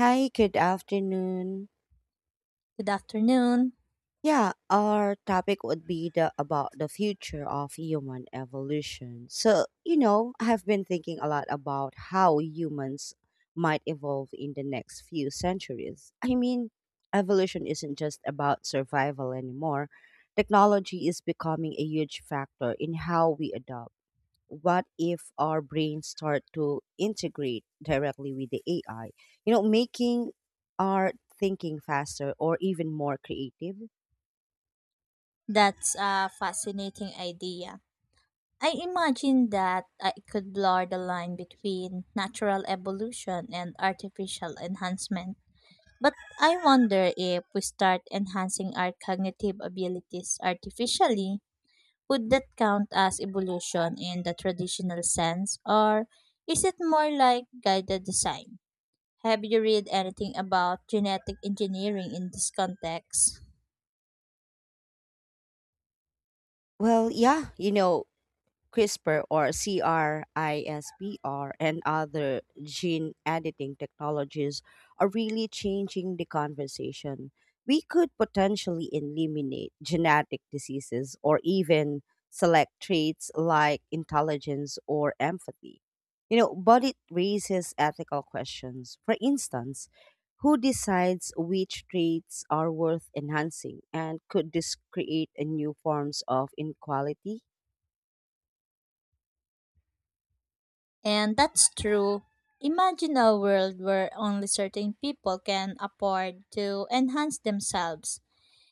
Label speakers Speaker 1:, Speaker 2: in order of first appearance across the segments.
Speaker 1: Hi, good afternoon.
Speaker 2: Good afternoon.
Speaker 1: Yeah, our topic would be the about the future of human evolution. I have been thinking a lot about how humans might evolve in the next few centuries. Evolution isn't just about survival anymore. Technology is becoming a huge factor in how we adopt what if our brains start to integrate directly with the AI? Making our thinking faster or even more creative?
Speaker 2: That's a fascinating idea. I imagine that I could blur the line between natural evolution and artificial enhancement. But I wonder if we start enhancing our cognitive abilities artificially, would that count as evolution in the traditional sense, or is it more like guided design? Have you read anything about genetic engineering in this context?
Speaker 1: Well, yeah, you know, CRISPR or CRISPR and other gene editing technologies are really changing the conversation. We could potentially eliminate genetic diseases or even select traits like intelligence or empathy. You know, but it raises ethical questions. For instance, who decides which traits are worth enhancing and could this create a new forms of inequality?
Speaker 2: And that's true. Imagine a world where only certain people can afford to enhance themselves.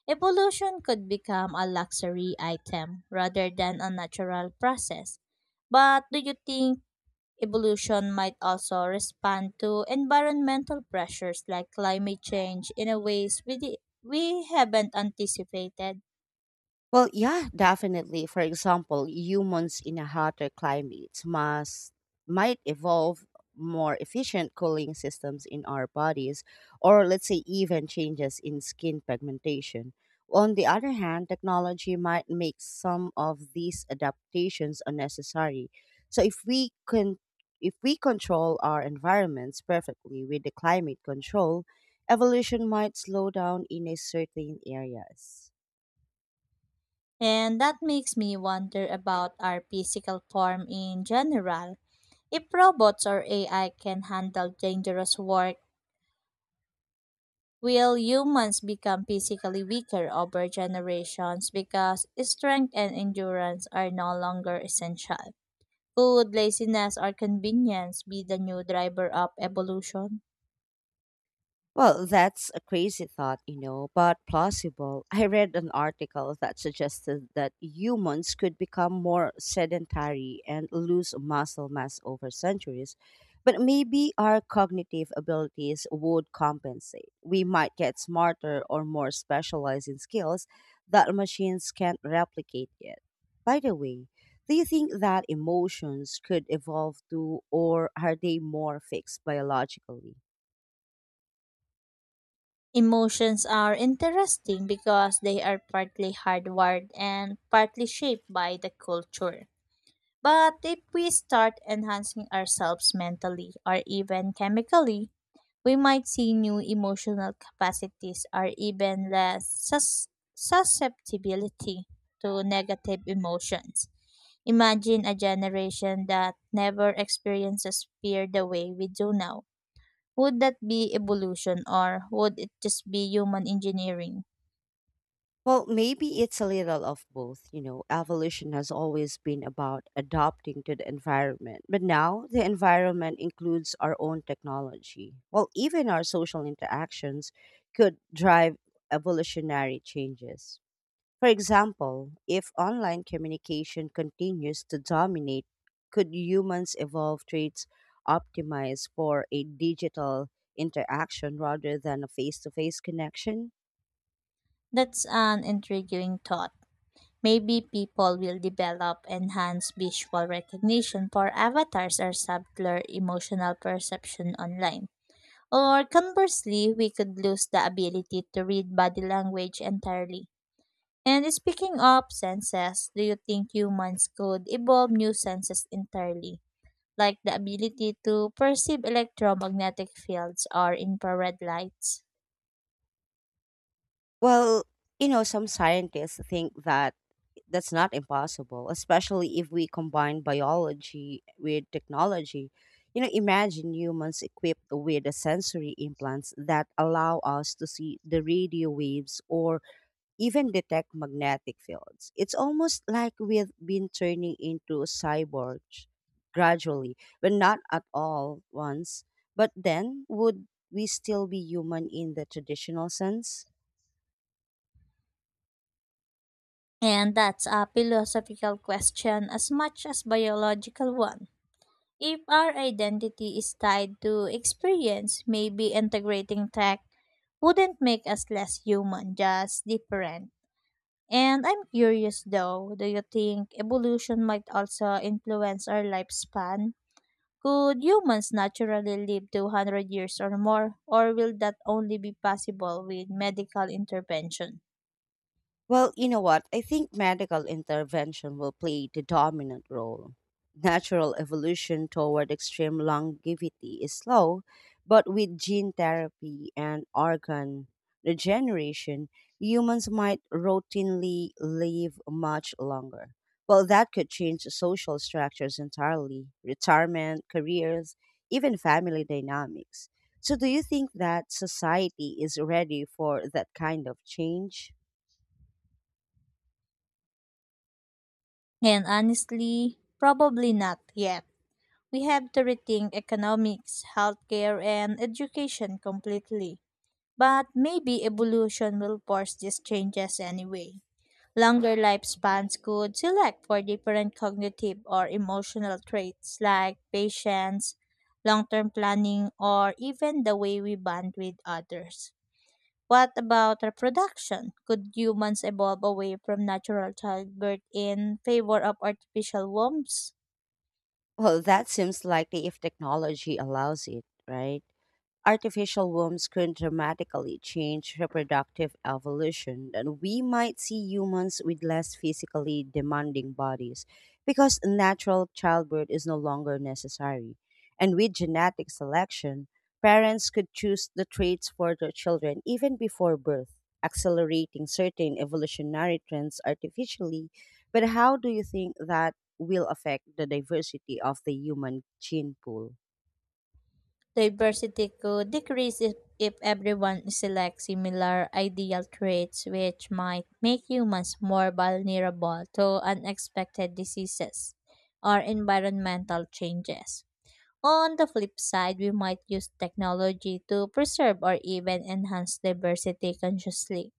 Speaker 2: Evolution could become a luxury item rather than a natural process. But do you think evolution might also respond to environmental pressures like climate change in a ways we haven't anticipated?
Speaker 1: Well, yeah, definitely. For example, humans in a hotter climate must might evolve more efficient cooling systems in our bodies, or let's say even changes in skin pigmentation. On the other hand, technology might make some of these adaptations unnecessary. So if we control our environments perfectly with the climate control, evolution might slow down in a certain areas.
Speaker 2: And that makes me wonder about our physical form in general. If robots or AI can handle dangerous work, will humans become physically weaker over generations because strength and endurance are no longer essential? Could laziness or convenience be the new driver of evolution?
Speaker 1: Well, that's a crazy thought, but plausible. I read an article that suggested that humans could become more sedentary and lose muscle mass over centuries, but maybe our cognitive abilities would compensate. We might get smarter or more specialized in skills that machines can't replicate yet. By the way, do you think that emotions could evolve too, or are they more fixed biologically?
Speaker 2: Emotions are interesting because they are partly hardwired and partly shaped by the culture. But if we start enhancing ourselves mentally or even chemically, we might see new emotional capacities or even less susceptibility to negative emotions. Imagine a generation that never experiences fear the way we do now. Would that be evolution or would it just be human engineering?
Speaker 1: Well, maybe it's a little of both. You know, evolution has always been about adapting to the environment, but now the environment includes our own technology. Well, even our social interactions could drive evolutionary changes. For example, if online communication continues to dominate, could humans evolve traits optimized for a digital interaction rather than a face to face connection?
Speaker 2: That's an intriguing thought. Maybe people will develop enhanced visual recognition for avatars or subtler emotional perception online. Or conversely, we could lose the ability to read body language entirely. And speaking of senses, do you think humans could evolve new senses entirely, like the ability to perceive electromagnetic fields or infrared lights?
Speaker 1: Well, some scientists think that's not impossible, especially if we combine biology with technology. You know, imagine humans equipped with the sensory implants that allow us to see the radio waves or even detect magnetic fields. It's almost like we've been turning into cyborgs gradually, but not at all once. But then, would we still be human in the traditional sense?
Speaker 2: And that's a philosophical question as much as biological one. If our identity is tied to experience, maybe integrating tech wouldn't make us less human, just different. And I'm curious though, do you think evolution might also influence our lifespan? Could humans naturally live to 100 years or more, or will that only be possible with medical intervention?
Speaker 1: Well, you know what? I think medical intervention will play the dominant role. Natural evolution toward extreme longevity is slow, but with gene therapy and organ regeneration, humans might routinely live much longer. Well, that could change social structures entirely, retirement, careers, even family dynamics. So, do you think that society is ready for that kind of change?
Speaker 2: And honestly, probably not yet. We have to rethink economics, healthcare, and education completely. But maybe evolution will force these changes anyway. Longer lifespans could select for different cognitive or emotional traits like patience, long term planning, or even the way we bond with others. What about reproduction? Could humans evolve away from natural childbirth in favor of artificial wombs?
Speaker 1: Well, that seems likely if technology allows it, right? Artificial wombs could dramatically change reproductive evolution, and we might see humans with less physically demanding bodies because natural childbirth is no longer necessary. And with genetic selection, parents could choose the traits for their children even before birth, accelerating certain evolutionary trends artificially. But how do you think that will affect the diversity of the human gene pool?
Speaker 2: Diversity could decrease if everyone selects similar ideal traits, which might make humans more vulnerable to unexpected diseases or environmental changes. On the flip side, we might use technology to preserve or even enhance diversity consciously.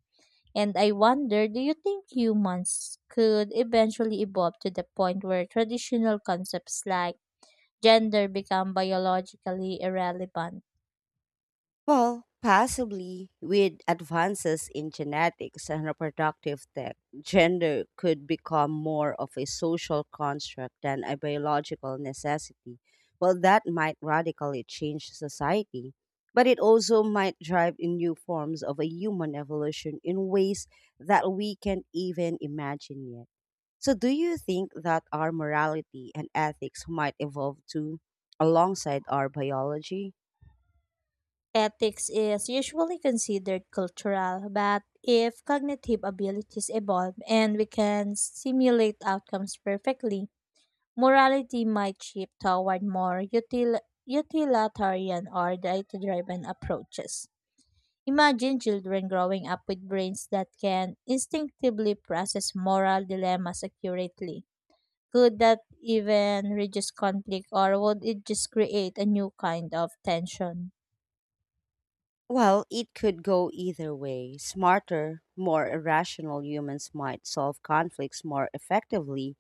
Speaker 2: And I wonder, do you think humans could eventually evolve to the point where traditional concepts like gender become biologically irrelevant?
Speaker 1: Well, possibly with advances in genetics and reproductive tech, gender could become more of a social construct than a biological necessity. Well, that might radically change society, but it also might drive in new forms of a human evolution in ways that we can't even imagine yet. So, do you think that our morality and ethics might evolve too alongside our biology?
Speaker 2: Ethics is usually considered cultural, but if cognitive abilities evolve and we can simulate outcomes perfectly, morality might shift toward more utilitarian or data driven approaches. Imagine children growing up with brains that can instinctively process moral dilemmas accurately. Could that even reduce conflict, or would it just create a new kind of tension?
Speaker 1: Well, it could go either way. Smarter, more irrational humans might solve conflicts more effectively,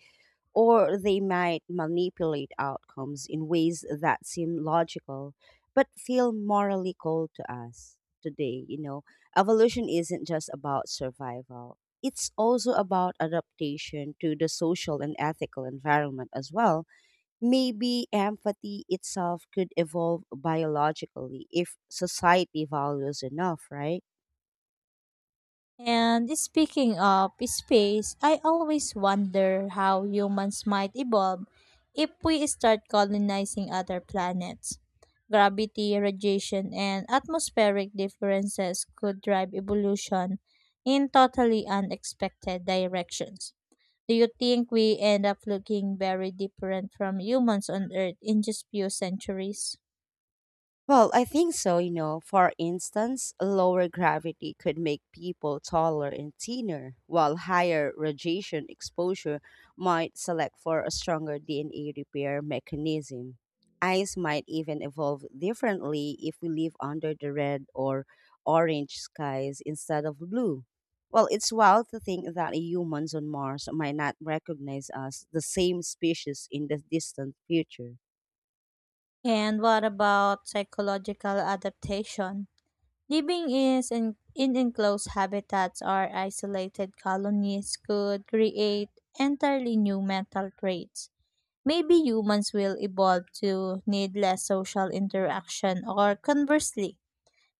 Speaker 1: or they might manipulate outcomes in ways that seem logical but feel morally cold to us today. You know, evolution isn't just about survival, it's also about adaptation to the social and ethical environment as well. Maybe empathy itself could evolve biologically if society values enough, right?
Speaker 2: And speaking of space, I always wonder how humans might evolve if we start colonizing other planets. Gravity, radiation, and atmospheric differences could drive evolution in totally unexpected directions. Do you think we end up looking very different from humans on Earth in just few centuries?
Speaker 1: Well, I think so, you know. For instance, lower gravity could make people taller and thinner, while higher radiation exposure might select for a stronger DNA repair mechanism. Eyes might even evolve differently if we live under the red or orange skies instead of blue. Well, it's wild to think that humans on Mars might not recognize us, the same species, in the distant future.
Speaker 2: And what about psychological adaptation? Living is in enclosed habitats or isolated colonies could create entirely new mental traits. Maybe humans will evolve to need less social interaction or conversely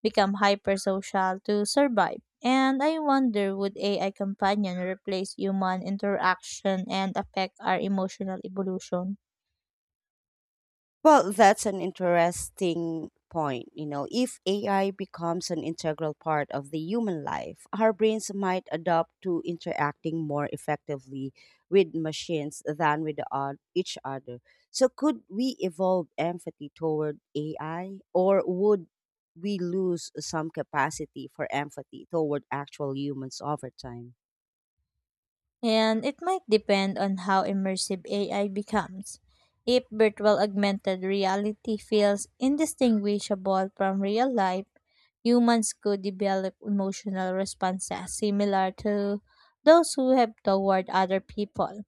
Speaker 2: become hypersocial to survive. And I wonder, would AI companion replace human interaction and affect our emotional evolution?
Speaker 1: Well, that's an interesting point. You know, if AI becomes an integral part of the human life, our brains might adapt to interacting more effectively with machines than with each other. So, could we evolve empathy toward AI, or would we lose some capacity for empathy toward actual humans over time?
Speaker 2: And it might depend on how immersive AI becomes. If virtual augmented reality feels indistinguishable from real life, humans could develop emotional responses similar to those who have toward other people.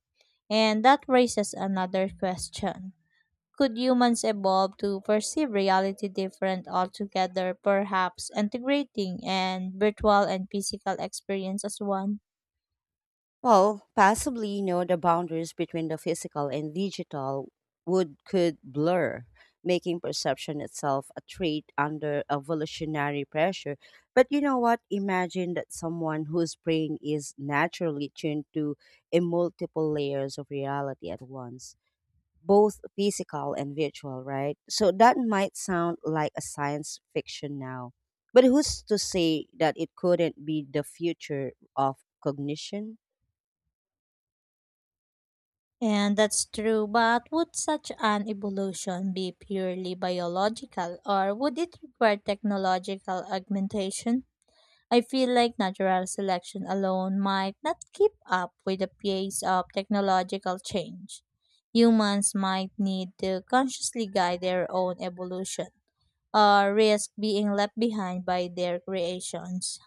Speaker 2: And that raises another question. Could humans evolve to perceive reality different altogether, perhaps integrating and virtual and physical experience as one?
Speaker 1: The boundaries between the physical and digital would could blur, making perception itself a trait under evolutionary pressure. But you know what? Imagine that someone whose brain is naturally tuned to a multiple layers of reality at once, both physical and virtual, right? So that might sound like a science fiction now. But who's to say that it couldn't be the future of cognition?
Speaker 2: And that's true, but would such an evolution be purely biological or would it require technological augmentation? I feel like natural selection alone might not keep up with the pace of technological change. Humans might need to consciously guide their own evolution or risk being left behind by their creations.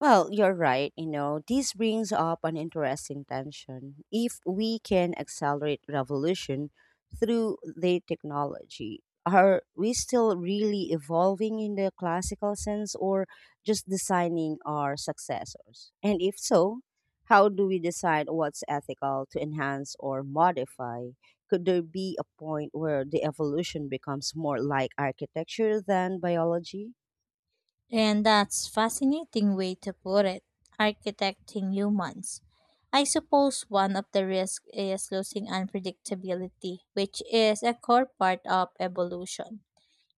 Speaker 1: Well, you're right. You know, this brings up an interesting tension. If we can accelerate revolution through the technology, are we still really evolving in the classical sense or just designing our successors? And if so, how do we decide what's ethical to enhance or modify? Could there be a point where the evolution becomes more like architecture than biology?
Speaker 2: And that's fascinating way to put it, architecting humans. I suppose one of the risks is losing unpredictability, which is a core part of evolution.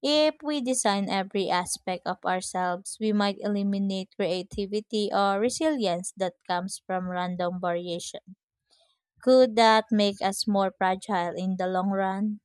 Speaker 2: If we design every aspect of ourselves, we might eliminate creativity or resilience that comes from random variation. Could that make us more fragile in the long run?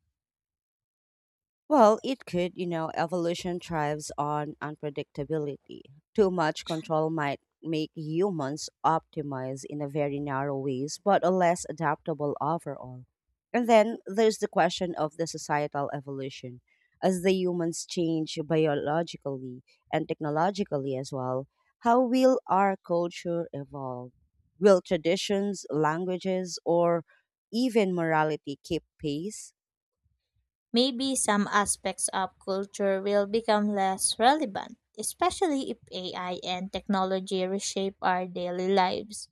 Speaker 1: Well, it could, you know, evolution thrives on unpredictability. Too much control might make humans optimize in a very narrow ways, but are less adaptable overall. And then there's the question of the societal evolution. As the humans change biologically and technologically as well, how will our culture evolve? Will traditions, languages, or even morality keep pace?
Speaker 2: Maybe some aspects of culture will become less relevant, especially if AI and technology reshape our daily lives.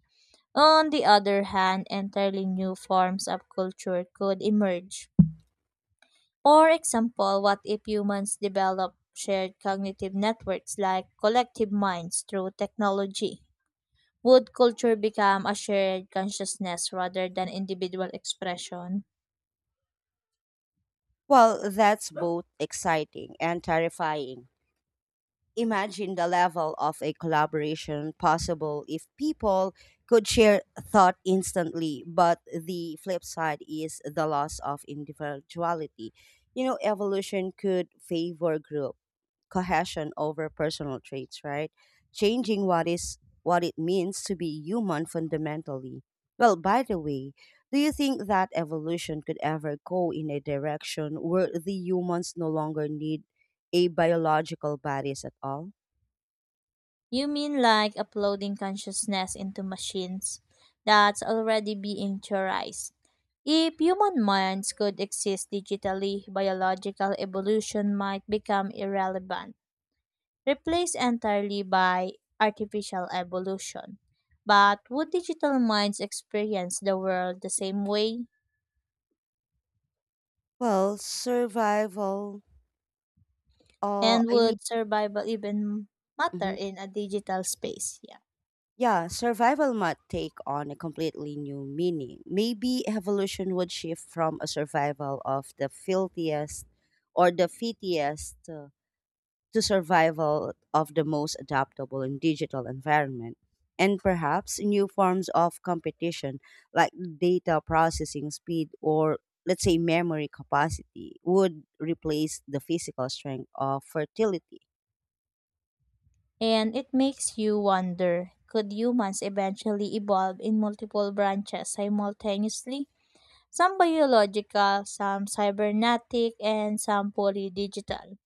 Speaker 2: On the other hand, entirely new forms of culture could emerge. For example, what if humans develop shared cognitive networks like collective minds through technology? Would culture become a shared consciousness rather than individual expression?
Speaker 1: Well, that's both exciting and terrifying. Imagine the level of a collaboration possible if people could share thought instantly, but the flip side is the loss of individuality. You know, evolution could favor group cohesion over personal traits, right? Changing what is what it means to be human fundamentally. Well, by the way, do you think that evolution could ever go in a direction where the humans no longer need a biological bodies at all?
Speaker 2: You mean like uploading consciousness into machines that's already being theorized? If human minds could exist digitally, biological evolution might become irrelevant, replaced entirely by artificial evolution. But would digital minds experience the world the same way?
Speaker 1: Well, survival,
Speaker 2: And
Speaker 1: I mean,
Speaker 2: would survival even matter
Speaker 1: mhm.
Speaker 2: in a digital space? Yeah.
Speaker 1: Yeah, survival might take on a completely new meaning. Maybe evolution would shift from a survival of the filthiest or the fittest to survival of the most adaptable in digital environment and perhaps new forms of competition like data processing speed or let's say memory capacity would replace the physical strength of fertility.
Speaker 2: And it makes you wonder, could humans eventually evolve in multiple branches simultaneously? Some biological, some cybernetic, and some fully digital.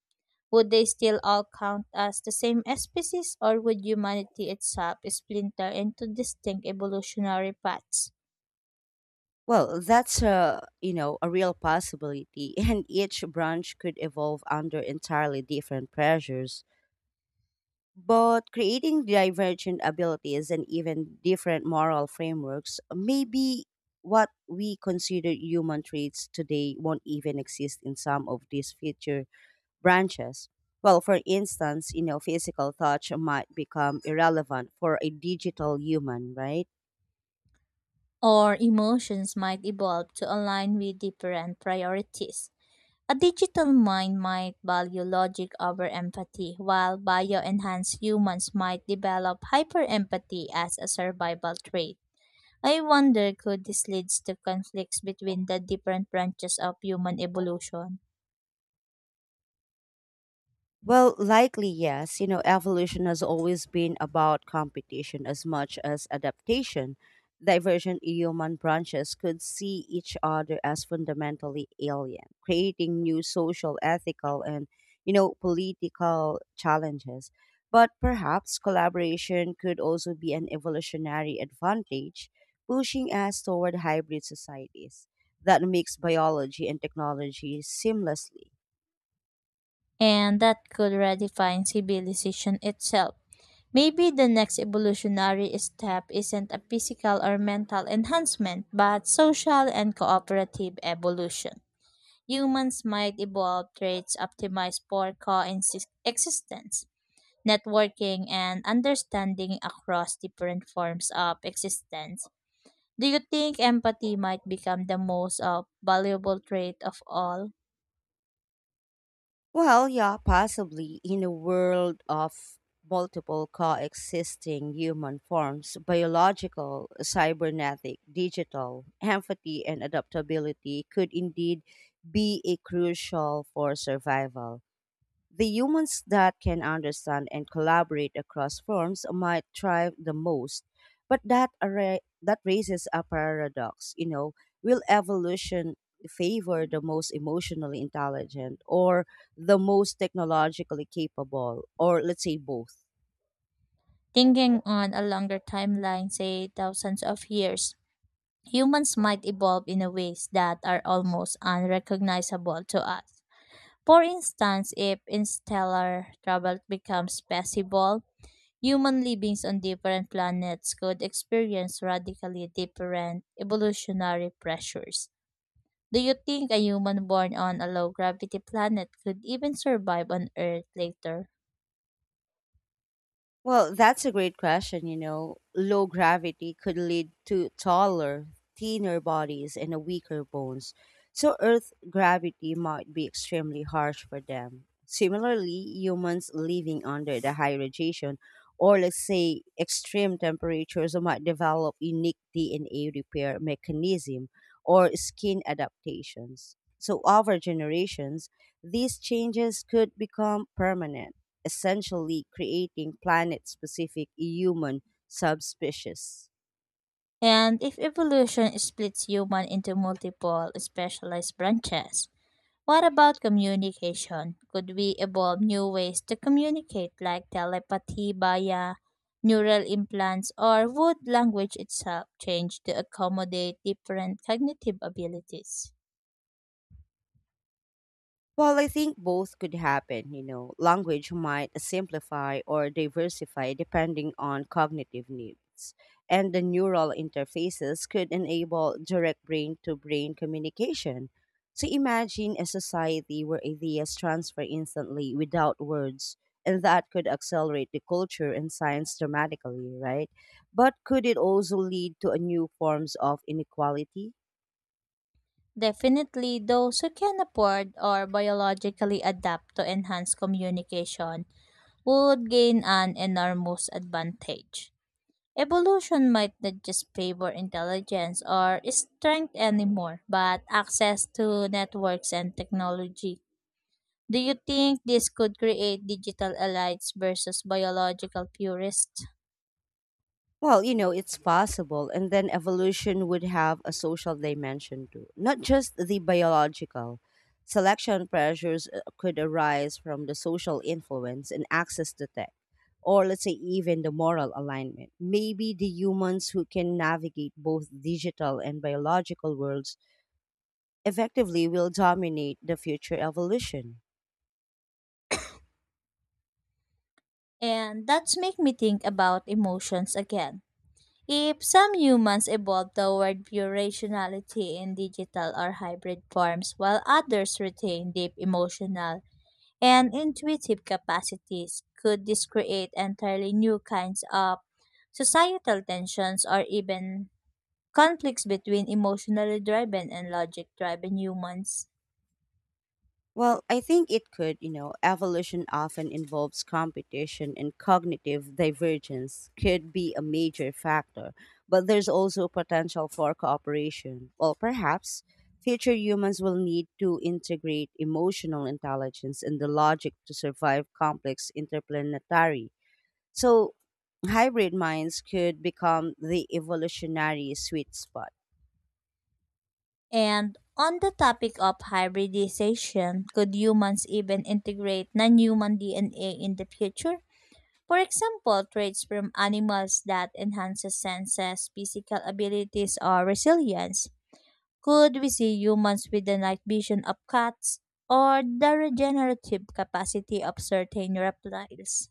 Speaker 2: Would they still all count as the same species, or would humanity itself splinter into distinct evolutionary paths?
Speaker 1: Well that's a you know a real possibility. And each branch could evolve under entirely different pressures, but creating divergent abilities and even different moral frameworks, maybe what we consider human traits today won't even exist in some of these future branches. Well, for instance, you know, physical touch might become irrelevant for a digital human, right?
Speaker 2: Or emotions might evolve to align with different priorities? A digital mind might value logic over empathy, while bio-enhanced humans might develop hyper-empathy as a survival trait. I wonder, could this lead to conflicts between the different branches of human evolution,
Speaker 1: Well, likely yes. You know, evolution has always been about competition as much as adaptation. Divergent human branches could see each other as fundamentally alien, creating new social, ethical, and political challenges. But perhaps collaboration could also be an evolutionary advantage, pushing us toward hybrid societies that mix biology and technology seamlessly.
Speaker 2: and that could redefine civilization itself. Maybe the next evolutionary step isn't a physical or mental enhancement, but social and cooperative evolution. Humans might evolve traits optimized for coexistence, networking, and understanding across different forms of existence. Do you think empathy might become the most valuable trait of all?
Speaker 1: Well, yeah, possibly. In a world of multiple coexisting human forms, biological, cybernetic, digital, empathy, and adaptability could indeed be a crucial for survival. The humans that can understand and collaborate across forms might thrive the most. But that raises a paradox, will evolution favor the most emotionally intelligent or the most technologically capable or let's say both?
Speaker 2: Thinking on a longer timeline, say thousands of years, humans might evolve in a ways that are almost unrecognizable to us. For instance, if interstellar travel becomes possible, human livings on different planets could experience radically different evolutionary pressures. Do you think a human born on a low gravity planet could even survive on Earth later?
Speaker 1: Well, that's a great question. You know, low gravity could lead to taller, thinner bodies and a weaker bones. So, Earth gravity might be extremely harsh for them. Similarly, humans living under the high radiation or, let's say, extreme temperatures might develop unique DNA repair mechanism or skin adaptations. So, over generations, these changes could become permanent essentially creating planet specific human subspecies.
Speaker 2: And if evolution splits human into multiple specialized branches, what about communication? Could we evolve new ways to communicate, like telepathy via neural implants, or would language itself change to accommodate different cognitive abilities?
Speaker 1: Well, I think both could happen. You know, language might simplify or diversify depending on cognitive needs. And the neural interfaces could enable direct brain to brain communication. So imagine a society where ideas transfer instantly without words, and that could accelerate the culture and science dramatically, right? But could it also lead to a new forms of inequality?
Speaker 2: Definitely, those who can afford or biologically adapt to enhance communication would gain an enormous advantage. Evolution might not just favor intelligence or strength anymore, but access to networks and technology. Do you think this could create digital allies versus biological purists?
Speaker 1: It's possible. And then evolution would have a social dimension too, not just the biological. Selection pressures could arise from the social influence and access to tech, or let's say even the moral alignment. Maybe the humans who can navigate both digital and biological worlds effectively will dominate the future evolution.
Speaker 2: And that's make me think about emotions again. If some humans evolve toward pure rationality in digital or hybrid forms, while others retain deep emotional and intuitive capacities. Could this create entirely new kinds of societal tensions or even conflicts between emotionally driven and logic driven humans?
Speaker 1: Well, I think it could, you know, evolution often involves competition and cognitive divergence could be a major factor, but there's also potential for cooperation. Well, perhaps future humans will need to integrate emotional intelligence and the logic to survive complex interplanetary. So, hybrid minds could become the evolutionary sweet spot.
Speaker 2: And on the topic of hybridization, could humans even integrate non human DNA in the future? For example, traits from animals that enhances senses, physical abilities, or resilience. Could we see humans with the night vision of cats or the regenerative capacity of certain reptiles?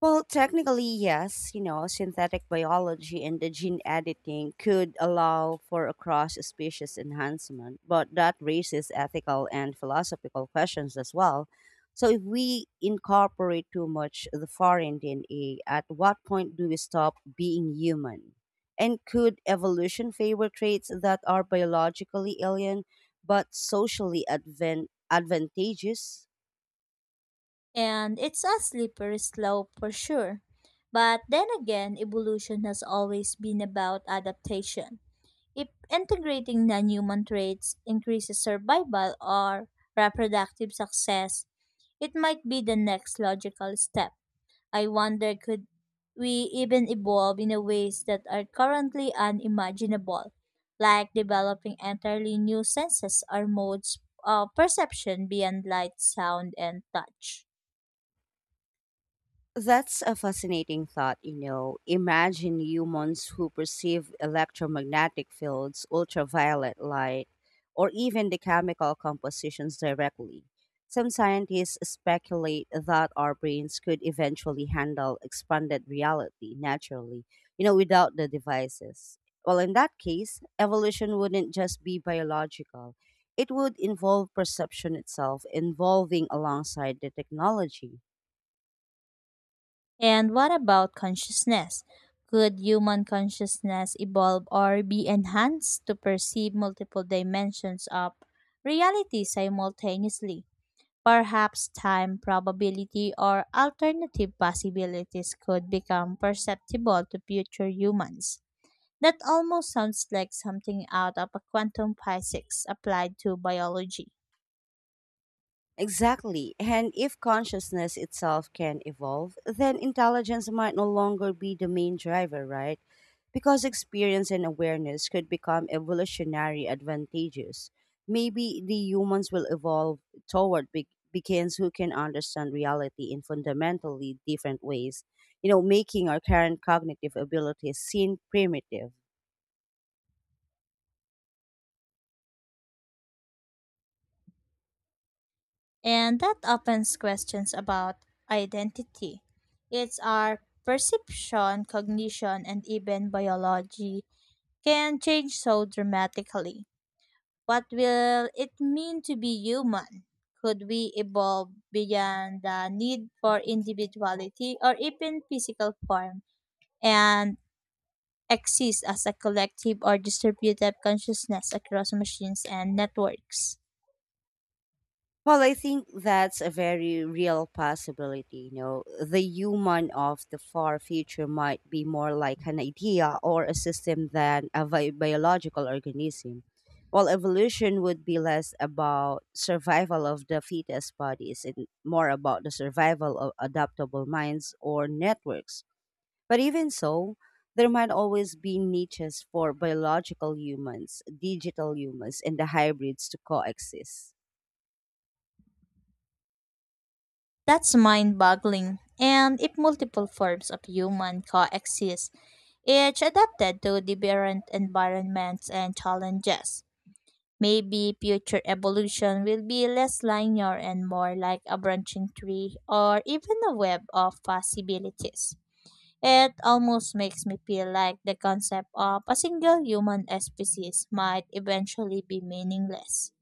Speaker 1: Well, technically, yes. You know, synthetic biology and the gene editing could allow for a cross species enhancement, but that raises ethical and philosophical questions as well. So, if we incorporate too much the foreign DNA, at what point do we stop being human? And could evolution favor traits that are biologically alien but socially advantageous?
Speaker 2: And it's a slippery slope for sure. But then again, evolution has always been about adaptation. If integrating non human traits increases survival or reproductive success, it might be the next logical step. I wonder, could we even evolve in a ways that are currently unimaginable, like developing entirely new senses or modes of perception beyond light, sound, and touch.
Speaker 1: That's a fascinating thought, imagine humans who perceive electromagnetic fields, ultraviolet light, or even the chemical compositions directly. Some scientists speculate that our brains could eventually handle expanded reality naturally, without the devices. Well, in that case, evolution wouldn't just be biological, it would involve perception itself, evolving alongside the technology.
Speaker 2: And what about consciousness? Could human consciousness evolve or be enhanced to perceive multiple dimensions of reality simultaneously? Perhaps time, probability, or alternative possibilities could become perceptible to future humans. That almost sounds like something out of a quantum physics applied to biology.
Speaker 1: Exactly. And if consciousness itself can evolve, then intelligence might no longer be the main driver, right? Because experience and awareness could become evolutionary advantageous. Maybe the humans will evolve toward beings who can understand reality in fundamentally different ways, making our current cognitive abilities seem primitive.
Speaker 2: And that opens questions about identity. It's our perception, cognition, and even biology can change so dramatically. What will it mean to be human? Could we evolve beyond the need for individuality or even physical form and exist as a collective or distributed consciousness across machines and networks?
Speaker 1: Well, I think that's a very real possibility. You know, the human of the far future might be more like an idea or a system than a biological organism. While evolution would be less about survival of the fetus bodies and more about the survival of adaptable minds or networks. But even so, there might always be niches for biological humans, digital humans, and the hybrids to coexist.
Speaker 2: That's mind boggling. And if multiple forms of human coexist, each adapted to different environments and challenges, maybe future evolution will be less linear and more like a branching tree or even a web of possibilities. It almost makes me feel like the concept of a single human species might eventually be meaningless.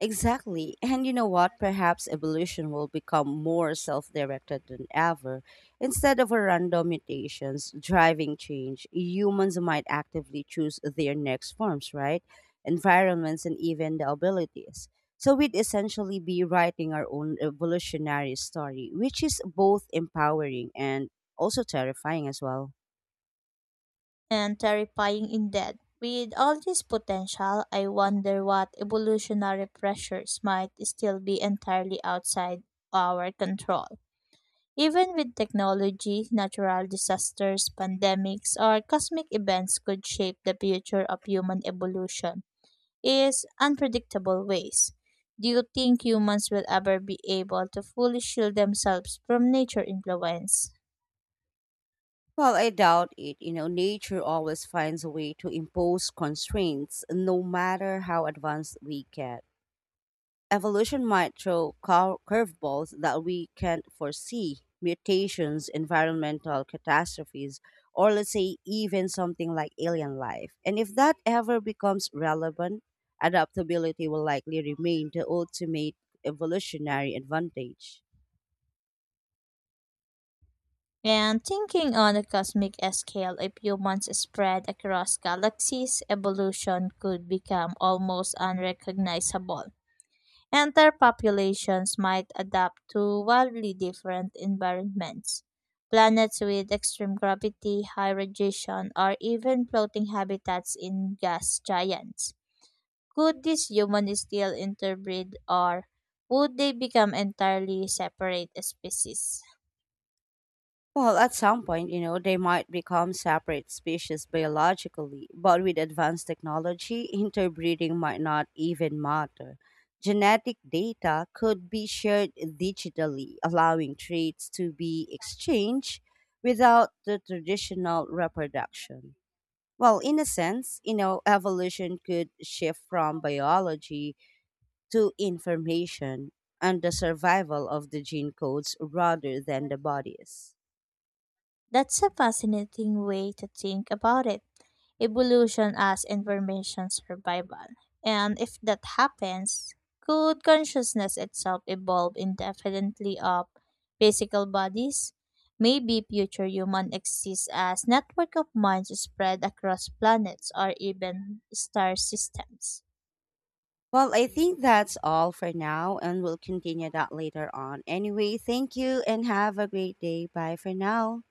Speaker 1: Exactly. And you know what? Perhaps evolution will become more self directed than ever. Instead of random mutations driving change, humans might actively choose their next forms, right? Environments and even the abilities. So we'd essentially be writing our own evolutionary story, which is both empowering and also terrifying as well.
Speaker 2: And terrifying in death. With all this potential, I wonder what evolutionary pressures might still be entirely outside our control. Even with technology, natural disasters, pandemics, or cosmic events could shape the future of human evolution in unpredictable ways. Do you think humans will ever be able to fully shield themselves from nature influence?
Speaker 1: Well, I doubt it. You know, nature always finds a way to impose constraints, no matter how advanced we get. Evolution might throw curveballs that we can't foresee mutations, environmental catastrophes, or let's say even something like alien life. And if that ever becomes relevant, adaptability will likely remain the ultimate evolutionary advantage.
Speaker 2: And thinking on a cosmic scale, if humans spread across galaxies, evolution could become almost unrecognizable, and their populations might adapt to wildly different environments. Planets with extreme gravity, high radiation, or even floating habitats in gas giants. Could these humans still interbreed, or would they become entirely separate species?
Speaker 1: Well, at some point, you know, they might become separate species biologically, but with advanced technology, interbreeding might not even matter. Genetic data could be shared digitally, allowing traits to be exchanged without the traditional reproduction. Well, in a sense, you know, evolution could shift from biology to information and the survival of the gene codes rather than the bodies.
Speaker 2: That's a fascinating way to think about it. Evolution as information survival. And if that happens, could consciousness itself evolve indefinitely of physical bodies? Maybe future human exists as network of minds spread across planets or even star systems.
Speaker 1: Well, I think that's all for now, and we'll continue that later on. Anyway, thank you and have a great day. Bye for now.